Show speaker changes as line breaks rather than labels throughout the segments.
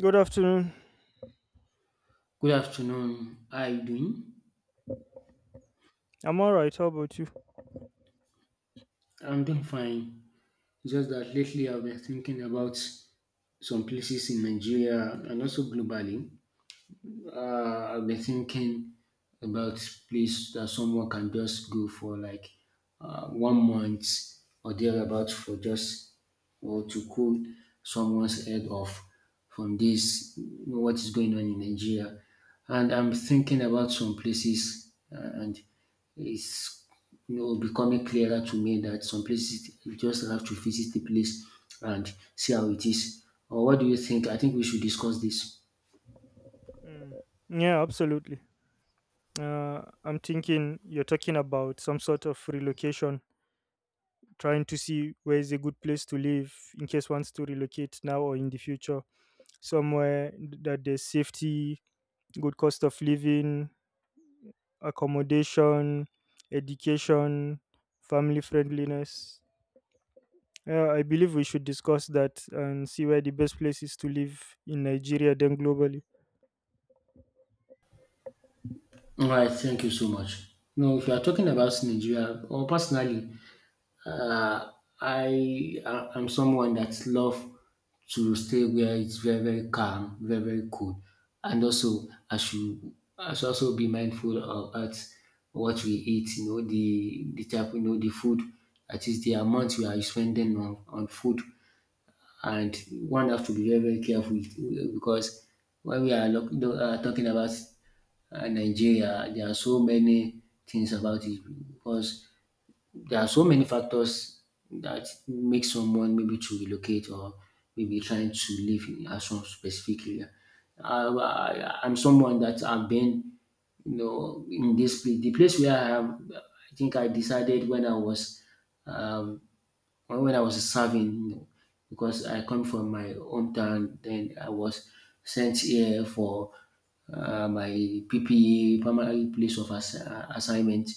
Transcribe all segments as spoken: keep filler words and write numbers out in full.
Good afternoon.
Good afternoon. How are you doing?
I'm all right. How about you?
I'm doing fine. Just that lately I've been thinking about some places in Nigeria and also globally. uh, I've been thinking about place that someone can just go for like uh, one month or thereabouts for just or to cool someone's head off from this what is going on in Nigeria. And I'm thinking about some places, uh, and it's you know becoming clearer to me that some places you just have to visit the place and see how it is. Or what do you think? I think we should discuss this.
Mm. Yeah, absolutely. Uh, I'm thinking you're talking about some sort of relocation, trying to see where is a good place to live in case wants to relocate now or in the future. Somewhere that there's safety, good cost of living, accommodation, education, family friendliness. Yeah, I believe we should discuss that and see where the best place is to live in Nigeria, then globally.
All right, thank you so much. No, if you are talking about Nigeria or personally, uh, I I- I'm someone that love to stay where it's very very calm, very very cool, and also I should I should also be mindful of at what we eat. You know the the type, you know, the food that is the amount we are spending on on food, and one have to be very, very careful with- because when we are look, do- uh, talking about uh, Nigeria, there are so many things about it because there are so many factors that make someone maybe to relocate or maybe trying to live in a some specific area. I, I, I'm someone that I've been, you know, in this place. The place where I am, I think I decided when I was um, when when I was serving, you know, because I come from my hometown, then I was sent here for uh, my P P A, primary place of ass- uh, assignment.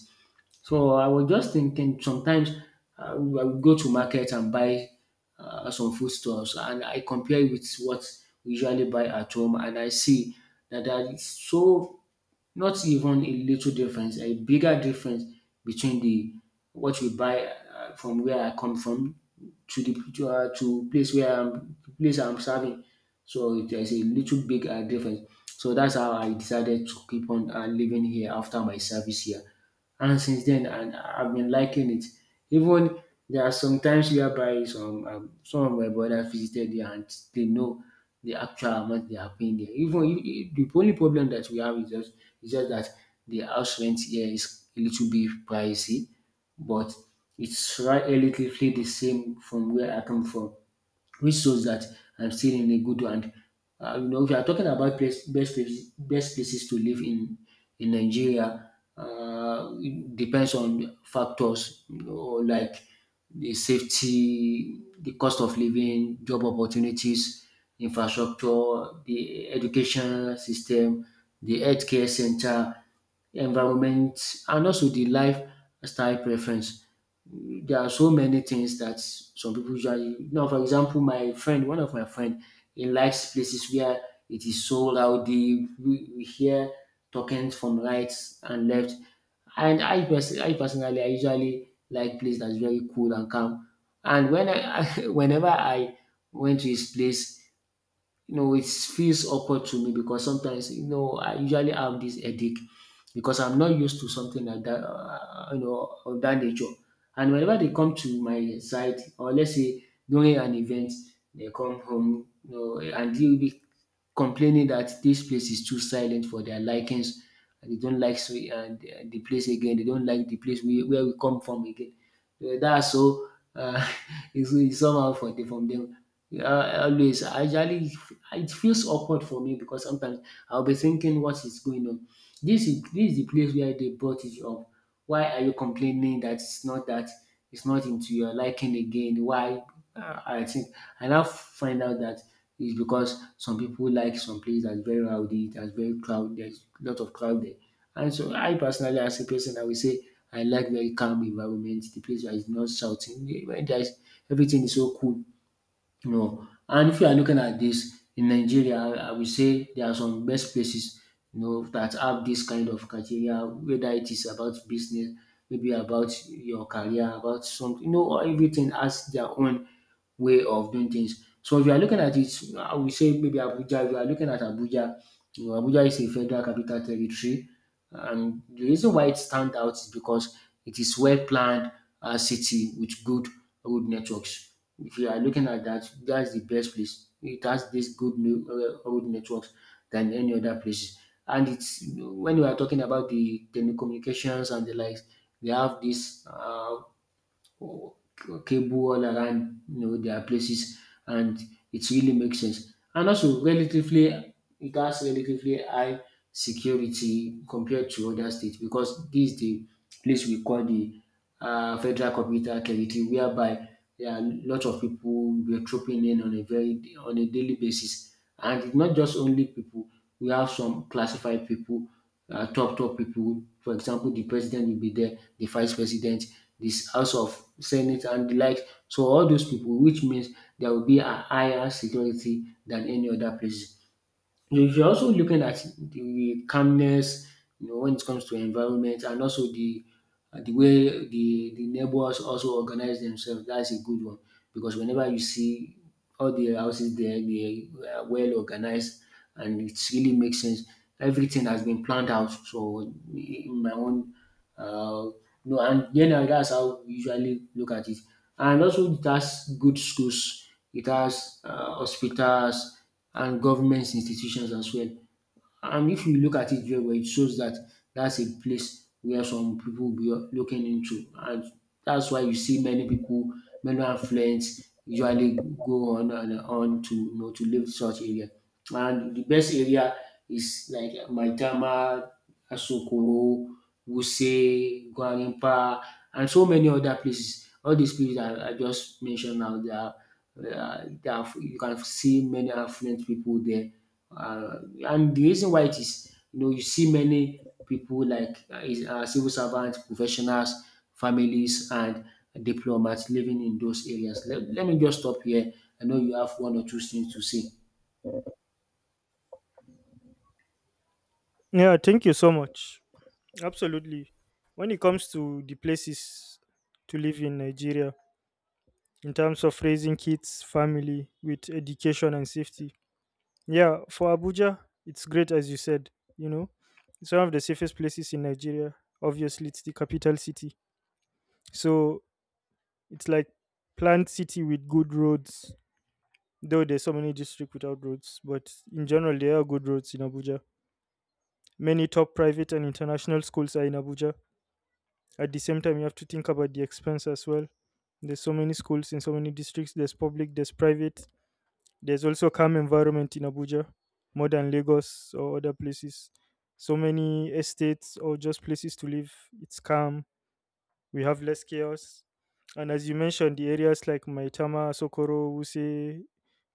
So I was just thinking, sometimes I would I would go to market and buy uh, some foodstuffs, and I compare with what we usually buy at home, and I see that that is so not even a little difference, a bigger difference between the what we buy uh, from where I come from to the to, uh, to place where I'm the place I'm serving. So there's a little big uh, difference. So that's how I decided to keep on uh, living here after my service here. And since then, and I've been liking it. Even there are some times whereby some um, some of my brothers visited there and they know the actual amount they are paying there. Even you- you- the only problem that we have is just is just that the house rent here is a little bit pricey, but it's right relatively the same from where I come from, which shows that I'm still in a good one. Uh, you know, if you are talking about place, best places, best places to live in in Nigeria, uh, it depends on factors, you know, like the safety, the cost of living, job opportunities, infrastructure, the education system, the healthcare center, environment, and also the lifestyle preference. There are so many things that some people usually. Now for example my friend, one of my friend, he likes places where it is so rowdy. We, we hear talking from right and left, and I, pers- I personally I usually like place that's very cool and calm. And when I whenever I went to his place, you know, it feels awkward to me because sometimes, you know, I usually have this headache because I'm not used to something like that, uh, you know, of that nature. And whenever they come to my side, or let's say during an event, they come home, you know, and they'll be complaining that this place is too silent for their likings. And they don't like so, and the the place again. They don't like the place we, where we come from again. Uh, That's so uh, it's, it's somehow for the, from them. Yeah, always. I usually it feels awkward for me because sometimes I'll be thinking what is going on. This is this is the place where they brought it up. Why are you complaining that it's not that it's not into your liking again? Why? Uh, I think I now find out that it's because some people like some place that's very rowdy, that's very crowded, there's a lot of crowd there. And so I personally, as a person, I will say I like very calm environment, the place where it's not shouting, where there's everything is so cool, you know. And if you are looking at this in Nigeria, I I will say there are some best places, you know, that have this kind of criteria, whether it is about business, maybe about your career, about something, you know, everything has their own way of doing things. So if you are looking at it, I will say maybe Abuja. If you are looking at Abuja, you know, Abuja is a federal capital territory, and the reason why it stands out is because it is well planned uh, city with good road networks. If you are looking at that, that's the best place. It has this good new, uh, road networks than any other places. And it's when you are talking about the telecommunications and the likes, they have this uh, cable all around, you know, their places, and it really makes sense. And also, relatively, it has relatively high security compared to other states, because this is the place we call the uh, Federal Capital Territory, whereby there are a lot of people were trooping in on a very on a daily basis, and it's not just only people. We have some classified people, uh, top top people. For example, the president will be there, the vice president, this House of Senate, and the like. So all those people, which means there will be a higher security than any other place. If you're also looking at the calmness, you know, when it comes to environment and also the uh, the way the the neighbors also organize themselves, that's a good one, because whenever you see all the houses there, they are well organized and it really makes sense. Everything has been planned out. So in my own, uh, no, and generally that's how we usually look at it. And also it has good schools, it has uh, hospitals, and government institutions as well. And if you look at it very well, it shows that that's a place where some people will be looking into. And that's why you see many people, many affluents usually go on and on to, you know, to live such area. And the best area is like Maitama, Asokoro, Wuse, Gwarimpa, and so many other places. All these places I, I just mentioned now, they are, uh, they are, you can see many affluent people there, uh, and the reason why it is, you know, you see many people like uh, is- uh, civil servants, professionals, families, and diplomats living in those areas. Let, let me just stop here. I know you have one or two things to say.
Yeah, thank you so much. Absolutely. When it comes to the places to live in Nigeria, in terms of raising kids, family, with education and safety, yeah, for Abuja, it's great as you said. You know, it's one of the safest places in Nigeria. Obviously, it's the capital city, so it's like planned city with good roads. Though there's so many districts without roads, but in general, there are good roads in Abuja. Many top private and international schools are in Abuja. At the same time, you have to think about the expense as well. There's so many schools in so many districts. There's public, there's private. There's also calm environment in Abuja, more than Lagos or other places. So many estates or just places to live. It's calm. We have less chaos. And as you mentioned, the areas like Maitama, Sokoro, Wuse,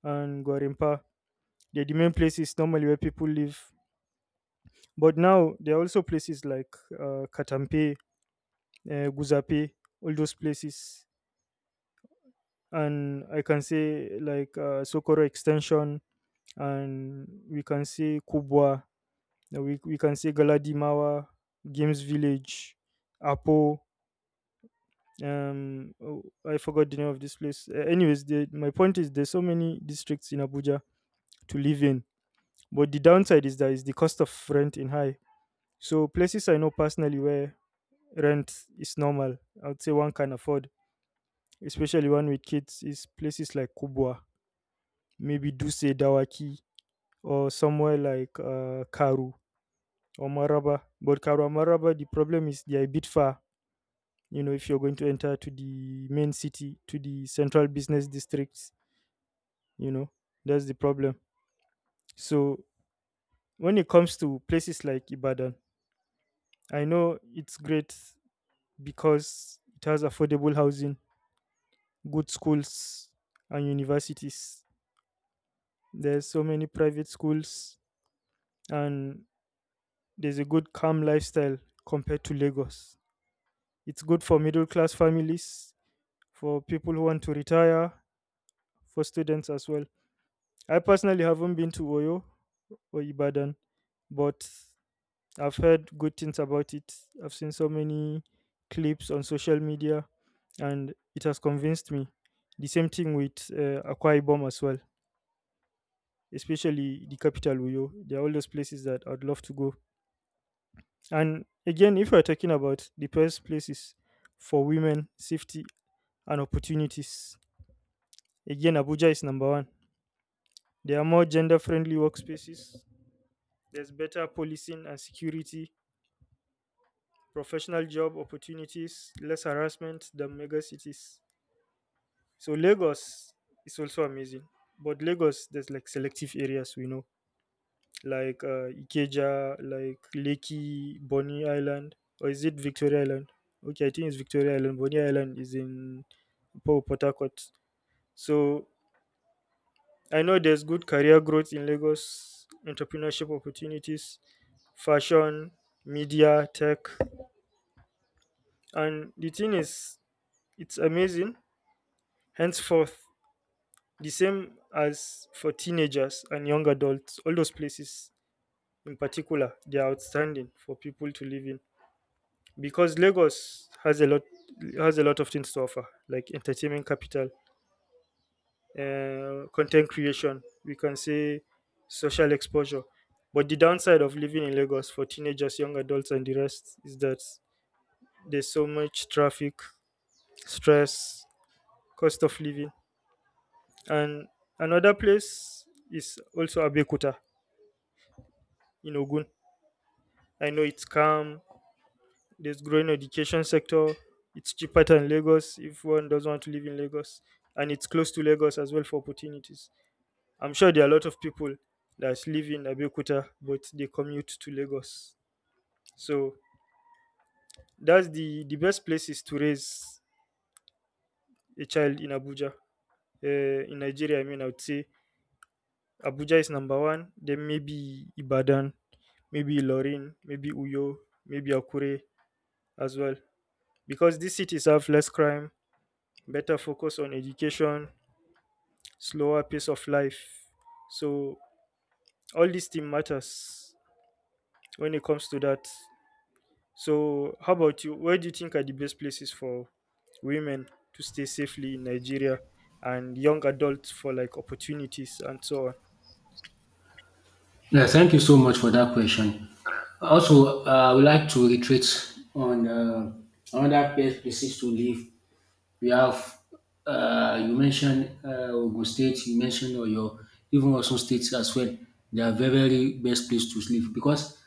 and Gwarimpa, they're the main places normally where people live. But now there are also places like uh, Katampe, uh, Guzape, all those places. And I can say like uh, Sokoro Extension, and we can say Kubwa, uh, we, we can say Galadimawa, Games Village, Apo. Um, oh, I forgot the name of this place. Uh, anyways, the, my point is there's so many districts in Abuja to live in, but the downside is that is the cost of rent in high. So places I know personally where rent is normal, I would say one can afford, especially one with kids, is places like Kubwa, maybe Duse, Dawaki, or somewhere like uh, Karu or Maraba. But Karu and Maraba, the problem is they are a bit far. You know, if you're going to enter to the main city, to the central business districts, you know, that's the problem. So when it comes to places like Ibadan, I know it's great because it has affordable housing, good schools, and universities. There's so many private schools, and there's a good calm lifestyle compared to Lagos. It's good for middle class families, for people who want to retire, for students as well. I personally haven't been to Oyo or Ibadan, but I've heard good things about it. I've seen so many clips on social media, and it has convinced me. The same thing with uh, Akwa Ibom as well, especially the capital Uyo. They're all those places that I'd love to go. And again, if we're talking about the best places for women, safety, and opportunities, again, Abuja is number one. There are more gender friendly workspaces. There's better policing and security, professional job opportunities, less harassment than mega cities. So Lagos is also amazing. But Lagos, there's like selective areas we know, like uh, Ikeja, like Lekki, Bonny Island, or is it Victoria Island? Okay, I think it's Victoria Island. Bonny Island is in Po- Port Harcourt. So I know there's good career growth in Lagos, entrepreneurship opportunities, fashion, media, tech. And the thing is, it's amazing. Henceforth, the same as for teenagers and young adults, all those places in particular, they are outstanding for people to live in because Lagos has a lot has a lot of things to offer, like entertainment capital, uh, content creation. We can say social exposure. But the downside of living in Lagos for teenagers, young adults, and the rest is that there's so much traffic, stress, cost of living. And another place is also Abeokuta in Ogun. I know it's calm, there's growing education sector, it's cheaper than Lagos if one doesn't want to live in Lagos. And it's close to Lagos as well for opportunities. I'm sure there are a lot of people that live in Abeokuta but they commute to Lagos. So that's the, the best places to raise a child in Abuja. Uh, in Nigeria, I mean, I would say Abuja is number one, then maybe Ibadan, maybe Ilorin, maybe Uyo, maybe Akure as well. Because these cities have less crime, better focus on education, slower pace of life. So all these thing matters when it comes to that. So how about you? Where do you think are the best places for women to stay safely in Nigeria and young adults for like opportunities and so on?
Yeah, thank you so much for that question. Also, uh, I would like to reiterate on uh, another best places to live. We have, uh, you mentioned uh, Ogun State, you mentioned Oyo, even Osun State as well. They are very, very best place to live because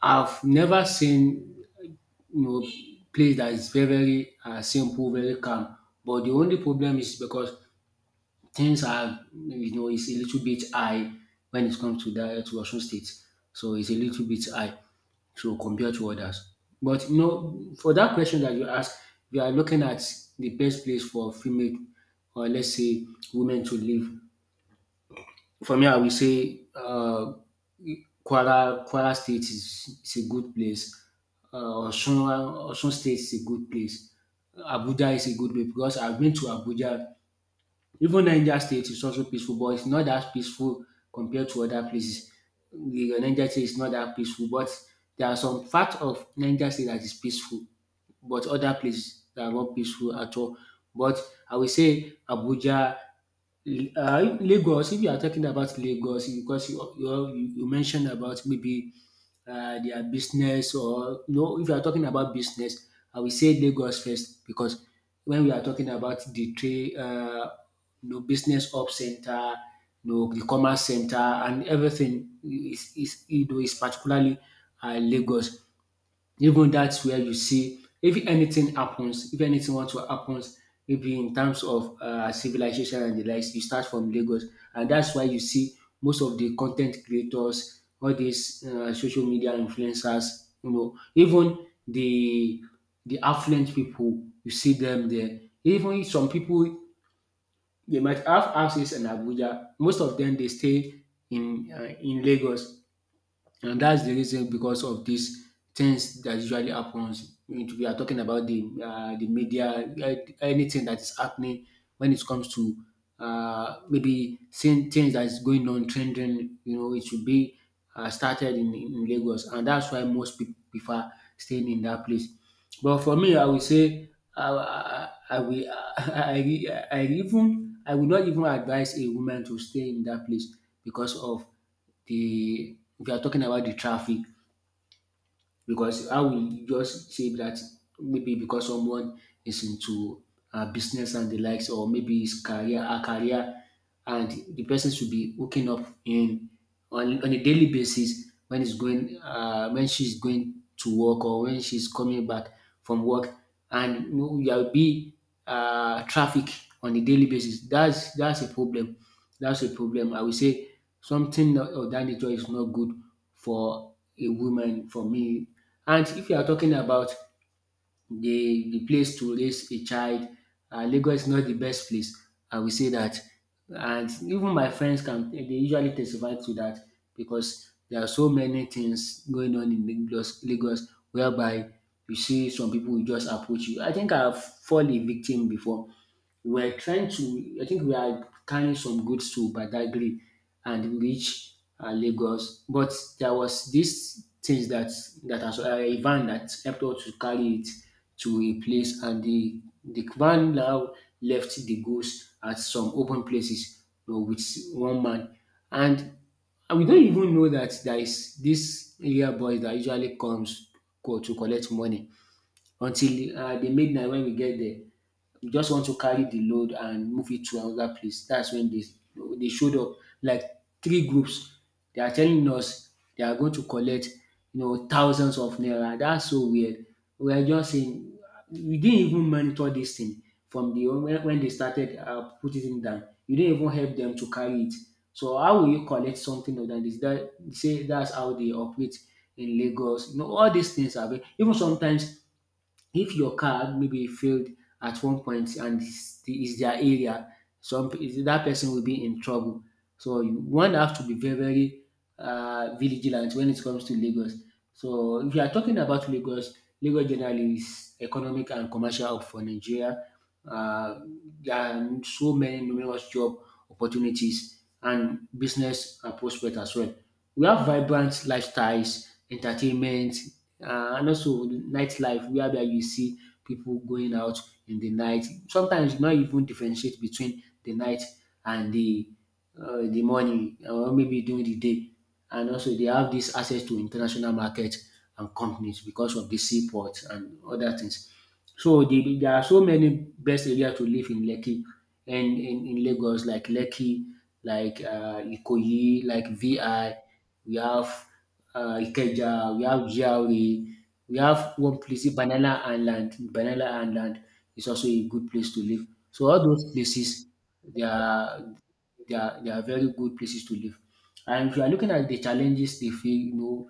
I've never seen, you know, place that is very very uh, simple, very calm. But the only problem is because things are, you know, it's a little bit high when it comes to that to Osun State, so it's a little bit high. So compared to others. But you know, for that question that you asked, we are looking at the best place for female, or let's say women, to live. For me, I will say uh, Kwara, Kwara State is, is a good place. Uh, Osun, Osun State is a good place. Abuja is a good place because I've been to Abuja. Even Niger State is also peaceful, but it's not that peaceful compared to other places. The Niger State is not that peaceful, but there are some parts of Niger State that is peaceful, but other places that are not peaceful at all. But I will say Abuja, uh, Lagos. If you are talking about Lagos, because you you, you mentioned about maybe uh, their business, or you know, if you are talking about business, I will say Lagos first, because when we are talking about the trade, uh, you know, business up center, you know, the commerce center, and everything is is, you know, is particularly uh, Lagos. Even that's where you see if anything happens, if anything want to happens, maybe in terms of uh, civilization and the likes, you start from Lagos, and that's why you see most of the content creators, all these uh, social media influencers, you know, even the the affluent people, you see them there. Even some people they might have houses in Abuja. Most of them they stay in uh, in Lagos, and that's the reason because of these things that usually happens. We are talking about the uh, the media, like anything that is happening when it comes to uh, maybe seeing things that is going on trending. You know, it should be uh, started in, in Lagos, and that's why most people prefer staying in that place. But for me, I would say uh, I, I, I will I, I, I even I would not even advise a woman to stay in that place because of the we are talking about the traffic, because I will just say that maybe because someone is into uh, business and the likes, or maybe his career, a career, and the person should be hooking up in on, on a daily basis when he's going, uh, when she's going to work or when she's coming back from work, and you know, there'll be uh, traffic on a daily basis. That's that's a problem. That's a problem. I will say something of that nature is not good for a woman for me. And if you are talking about the the place to raise a child, um Lagos is not the best place. I will say that, and even my friends can they usually testify to that because there are so many things going on in Lagos Lagos whereby you see some people will just approach you. I think I have fall a victim before. We were trying to, I think we are carrying some goods to Badagry and reach uh, Lagos. But there was this things that that has uh, a van that helped us to carry it to a place, and the the van now left the goods at some open places, you know, with one man, and and we don't even know that there is this area boy that usually comes co- to collect money until uh, the midnight when we get there. We just want to carry the load and move it to another place. That's when they they showed up, like three groups. They are telling us they are going to collect, you know, thousands of naira. That's so weird. We are just saying we didn't even monitor this thing from the when, when they started uh, putting it down. You didn't even help them to carry it. So how will you collect something of that? Is that say that's how they operate in Lagos? You know, all these things are very- even sometimes if your car maybe failed at one point and is is their area, some pe- that person will be in trouble. So you one have to be very very uh vigilant when it comes to Lagos. So if you are talking about Lagos, Lagos generally is economic and commercial hub for Nigeria. Uh, there are so many numerous job opportunities and business and prospect as well. We have vibrant lifestyles, entertainment, uh, and also nightlife whereby you see people going out in the night. Sometimes not even differentiate between the night and the uh, the morning or maybe during the day. And also they have this access to international market and companies because of the seaport and other things. So the, there are so many best area to live in Lekki, and in, in Lagos, like Lekki, like uh, Ikoyi, like V I. We have uh, Ikeja, we have G R A, we have one place, Banana Island. Banana Island is also a good place to live. So all those places, they are they are, they are very good places to live. And if you are looking at the challenges they feel, you know,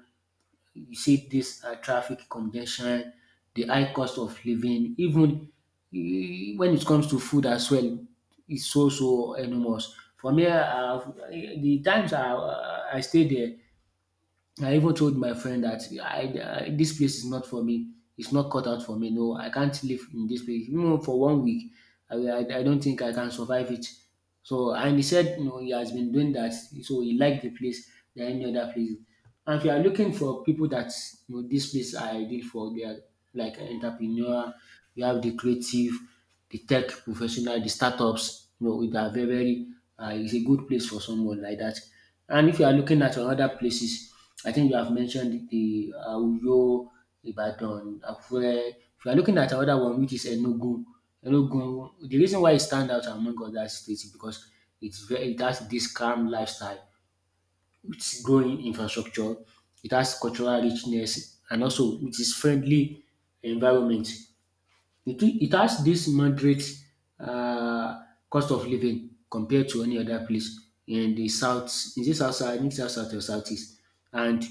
you see this uh, traffic congestion, the high cost of living, even eh, when it comes to food as well, it's so so enormous. For me, uh, the times I, I stayed there, I even told my friend that I, I this place is not for me. It's not cut out for me. No, I can't live in this place. Even for one week, I, I, I don't think I can survive it. So and he said, you know, he has been doing that, so he liked the place than any other place. And if you are looking for people that, you know, this place are ideal for, they are like entrepreneur. You have the creative, the tech professional, the startups, you know, they are very, very uh, it's a good place for someone like that. And if you are looking at other places, I think you have mentioned the uh, Uyo, Ibadan, Akure. If you are looking at another one, which is Enugu, Enugu, the reason why it stands out among other states is because it's very, it has this calm lifestyle, it's growing infrastructure, it has cultural richness, and also it is friendly environment. It it has this moderate um cost of living compared to any other place in the south. Is this south south? I think south south or south east. And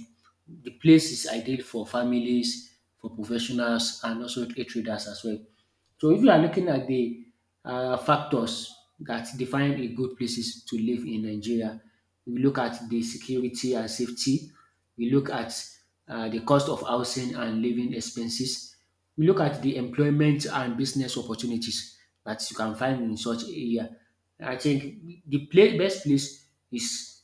the place is ideal for families, for professionals, and also a traders as well. So if you are looking at the um factors that define a good places to live in Nigeria, we look at the security and safety, we look at uh, the cost of housing and living expenses. We look at the employment and business opportunities that you can find in such area. I think the pla best place is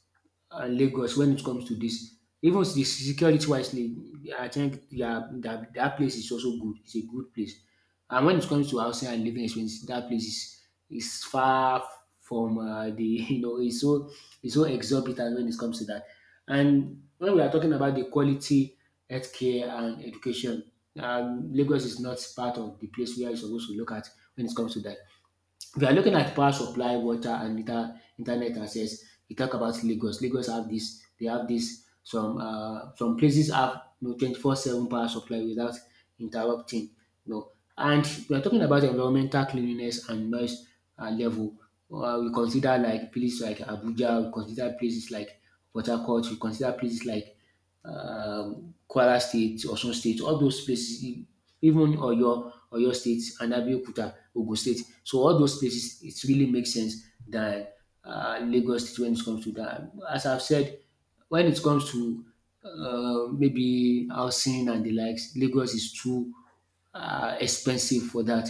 uh, Lagos when it comes to this. Even the security wisely, I think their, their, that place is also good. It's a good place. And when it comes to housing and living expenses, that place is is far from uh, the you know, it's so it's so exorbitant when it comes to that. And when we are talking about the quality healthcare and education, um, Lagos is not part of the place where you're supposed to look at when it comes to that. If you are looking at power supply, water, and inter- internet access, you talk about Lagos. Lagos have this. They have this. Some uh, some places have, you know, twenty four seven power supply without interrupting. No. And we are talking about environmental cleanliness and noise uh, level. Uh, we consider like places like Abuja, we consider places like Port Harcourt, we consider places like um, Kwara State, Osun State, all those places, e- even Oyo, Oyo, State, and Abeokuta, Ogun State. So all those places, it really makes sense than uh, Lagos State when it comes to that. As I've said, when it comes to uh, maybe housing and the likes, Lagos is too uh, expensive for that.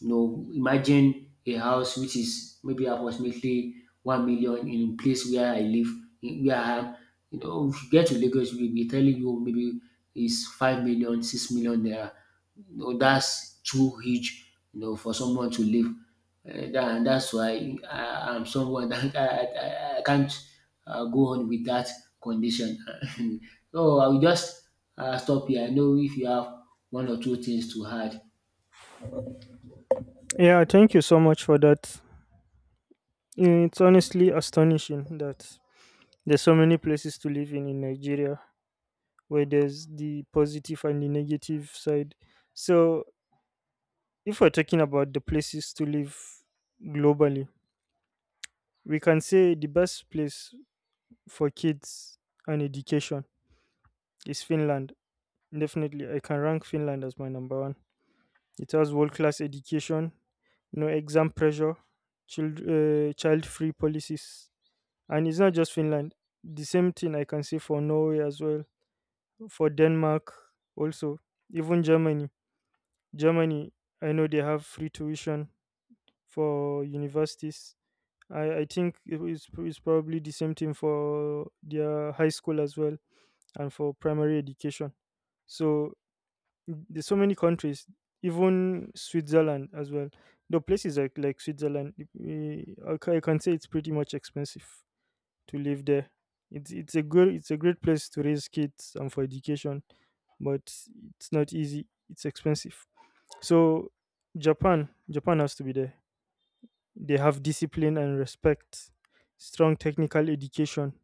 You know, imagine a house which is maybe approximately one million in a place where I live, in- where I am. You know, if you get to Lagos, we'll be telling you maybe it's five million, six million naira. You know, that's too huge, you know, for someone to live. Uh, that, and that's why I, I'm someone that I, I, I can't uh, go on with that condition. So I will just uh, stop here. I know if you have one or two things to add.
Yeah, thank you so much for that. Mm, it's honestly astonishing that there's so many places to live in in Nigeria where there's the positive and the negative side. So, if we're talking about the places to live globally, we can say the best place for kids and education is Finland. Definitely, I can rank Finland as my number one. It has world class education, no exam pressure, child uh, child free policies, and it's not just Finland. The same thing I can say for Norway as well, for Denmark also, even Germany Germany, I know they have free tuition for universities. I, I think it is it's probably the same thing for their high school as well and for primary education. So there's so many countries, even Switzerland as well. The places like like Switzerland, eh, I ca- I can say it's pretty much expensive to live there. It's it's a good it's a great place to raise kids and for education, but it's not easy. It's expensive. So Japan, Japan has to be there. They have discipline and respect, strong technical education,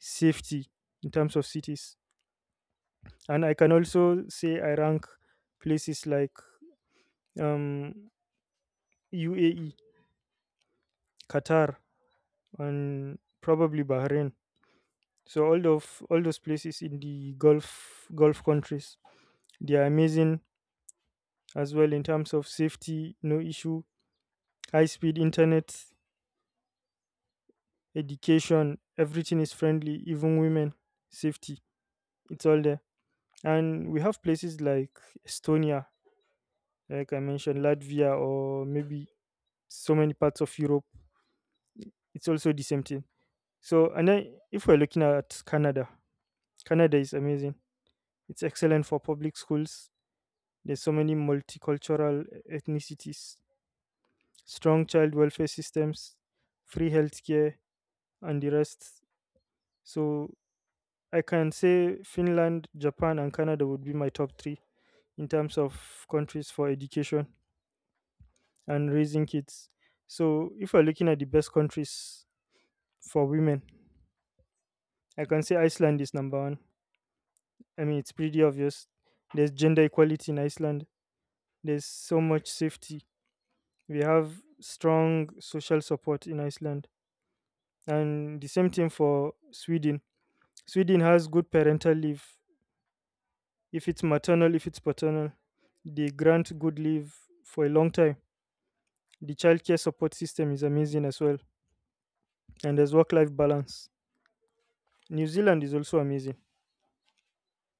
safety in terms of cities. And I can also say I rank places like um, U A E, Qatar, and probably Bahrain. So all of all those places in the Gulf Gulf countries, they are amazing as well in terms of safety, no issue, high speed internet, education, everything is friendly, even women, safety, it's all there. And we have places like Estonia, like I mentioned, Latvia, or maybe so many parts of Europe. It's also the same thing. So, and then if we're looking at Canada, Canada is amazing. It's excellent for public schools. There's so many multicultural ethnicities, strong child welfare systems, free healthcare, and the rest. So I can say Finland, Japan, and Canada would be my top three in terms of countries for education and raising kids. So, if we're looking at the best countries for women, I can say Iceland is number one. I mean, it's pretty obvious. There's gender equality in Iceland, there's so much safety. We have strong social support in Iceland. And the same thing for Sweden. Sweden has good parental leave, if it's maternal, if it's paternal. They grant good leave for a long time. The childcare support system is amazing as well, and there's work life balance. New Zealand is also amazing.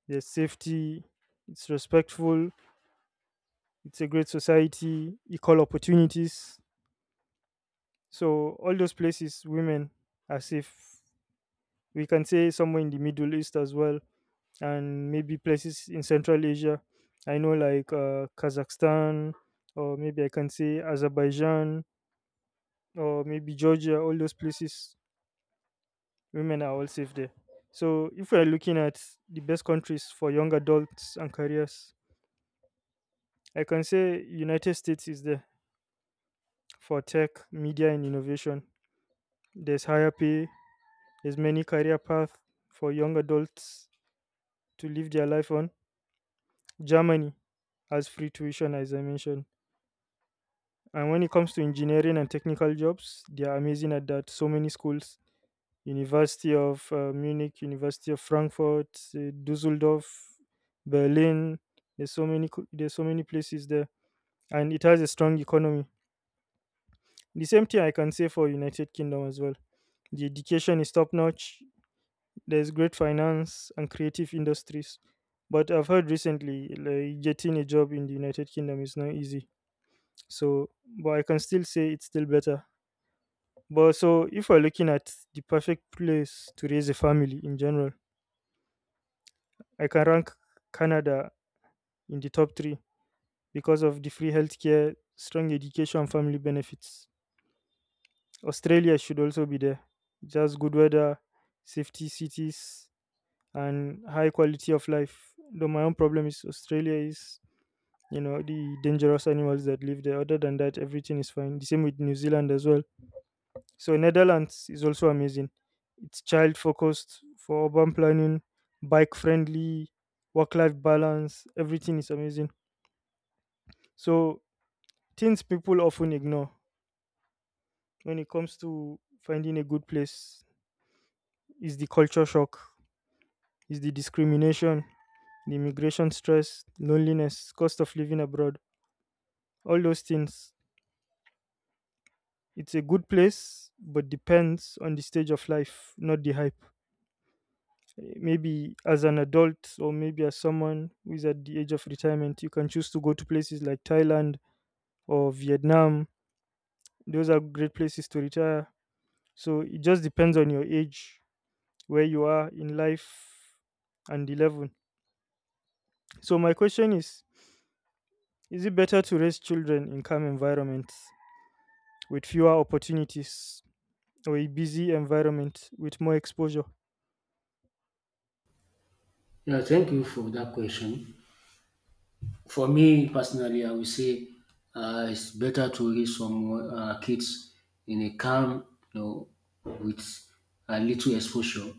There's safety, it's respectful, it's a great society, equal opportunities. So, all those places, women are safe. We can say somewhere in the Middle East as well, and maybe places in Central Asia. I know, like uh, Kazakhstan, or maybe I can say Azerbaijan, or maybe Georgia, all those places, women are all safe there. So if we're looking at the best countries for young adults and careers, I can say United States is there for tech, media and innovation. There's higher pay, there's many career paths for young adults to live their life on. Germany has free tuition as I mentioned. And when it comes to engineering and technical jobs, they are amazing at that. So many schools, University of uh, Munich, University of Frankfurt, uh, Dusseldorf, Berlin. There's so many co- there's so many places there, and it has a strong economy. The same thing I can say for United Kingdom as well. The education is top notch. There's great finance and creative industries, but I've heard recently like getting a job in the United Kingdom is not easy. So, but I can still say it's still better. But so if we're looking at the perfect place to raise a family in general, I can rank Canada in the top three because of the free healthcare, strong education, family benefits. Australia should also be there. It has good weather, safety cities, and high quality of life. Though my own problem is Australia is, you know, the dangerous animals that live there. Other than that, everything is fine. The same with New Zealand as well. So Netherlands is also amazing. It's child focused for urban planning, bike friendly, work life balance. Everything is amazing. So things people often ignore when it comes to finding a good place is the culture shock, is the discrimination, the immigration stress, loneliness, cost of living abroad, all those things. It's a good place, but depends on the stage of life, not the hype. Eh, Maybe as an adult, or maybe as someone who is at the age of retirement, you can choose to go to places like Thailand or Vietnam. Those are great places to retire. So it just depends on your age where you are in life and the level. So my question is is it better to raise children in calm environments with fewer opportunities or a busy environment with more exposure?
Yeah, thank you for that question. For me personally, I would say uh, it's better to raise some uh, kids in a calm, you know, with a little exposure,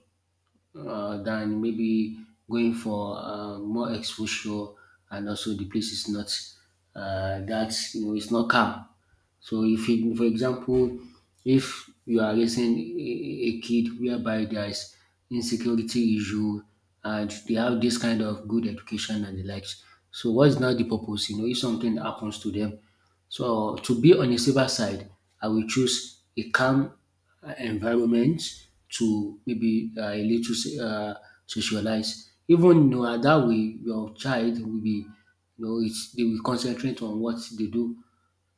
uh, than maybe going for uh, more exposure, and also the place is not uh, that, you know, it's not calm. So if you, for example, if you are raising a, a kid whereby there is insecurity issue and they have this kind of good education and the likes, so what is now the purpose? You know, if something happens to them, so to be on a safer side, I will choose a calm uh, environment to maybe uh, a little so- uh, socialize. Even, you know, uh, that way, your child will be, you know, it's, they will concentrate on what they do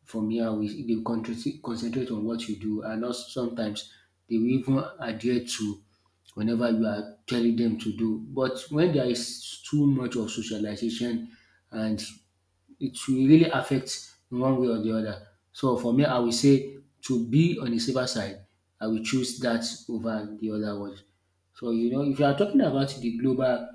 from here, we they will concentrate concentrate on what you do, and also sometimes they will even adhere to whenever you are telling them to do. But when there is too much of socialization, and it will really affect in one way or the other. So for me, I will say to be on the safer side, I will choose that over the other one. So, you know, if you are talking about the global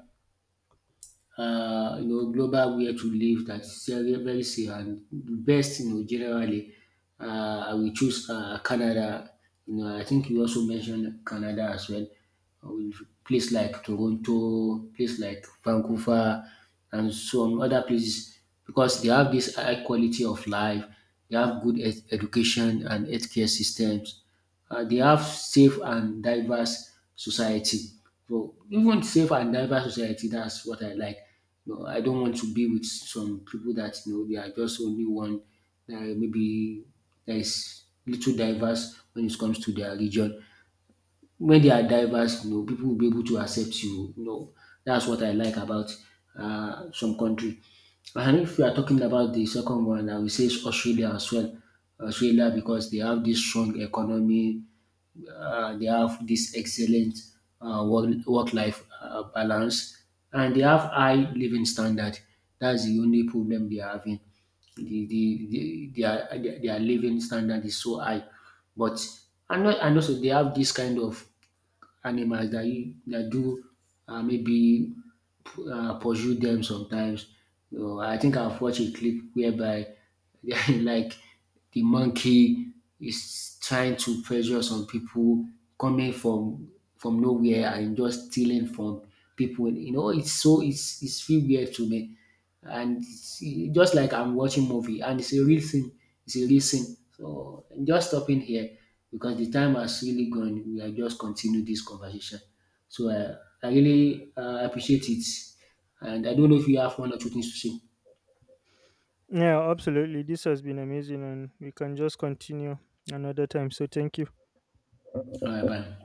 uh, you know, global where to live that's very, very safe and the best, you know, generally. Uh, I will choose uh, Canada. You know, I think you also mentioned Canada as well, with place like Toronto, place like Vancouver, and some other places, because they have this high quality of life, they have good ed- education and healthcare systems, uh, they have safe and diverse society. So, even safe and diverse society, that's what I like. You know, I don't want to be with some people that, you know, they are just only one. Uh, maybe there is little diverse when it comes to their religion. When they are diverse, you know, people will be able to accept you. You know, that's what I like about uh, some country. And if we are talking about the second one, I will say it's Australia as well. Australia, because they have this strong economy, uh, they have this excellent uh, work work life uh, balance, and they have high living standard. That's the only problem they are having. The, the, the their their their living standard is so high, but and not and also they have this kind of animals that you that do uh, maybe uh, pursue them sometimes. You know, I think I've watched a clip whereby like the monkey is trying to pressure some people coming from from nowhere and just stealing from people. You know, it's so it's it's feel weird to me, and see just like I'm watching movie, and it's a real thing, it's a real thing. So just stopping here because the time has really gone. We are just continue this conversation. So uh, I really uh, appreciate it, and I don't know if you have one or two things to say.
Yeah, absolutely. This has been amazing and we can just continue another time. So thank you.
All right, bye.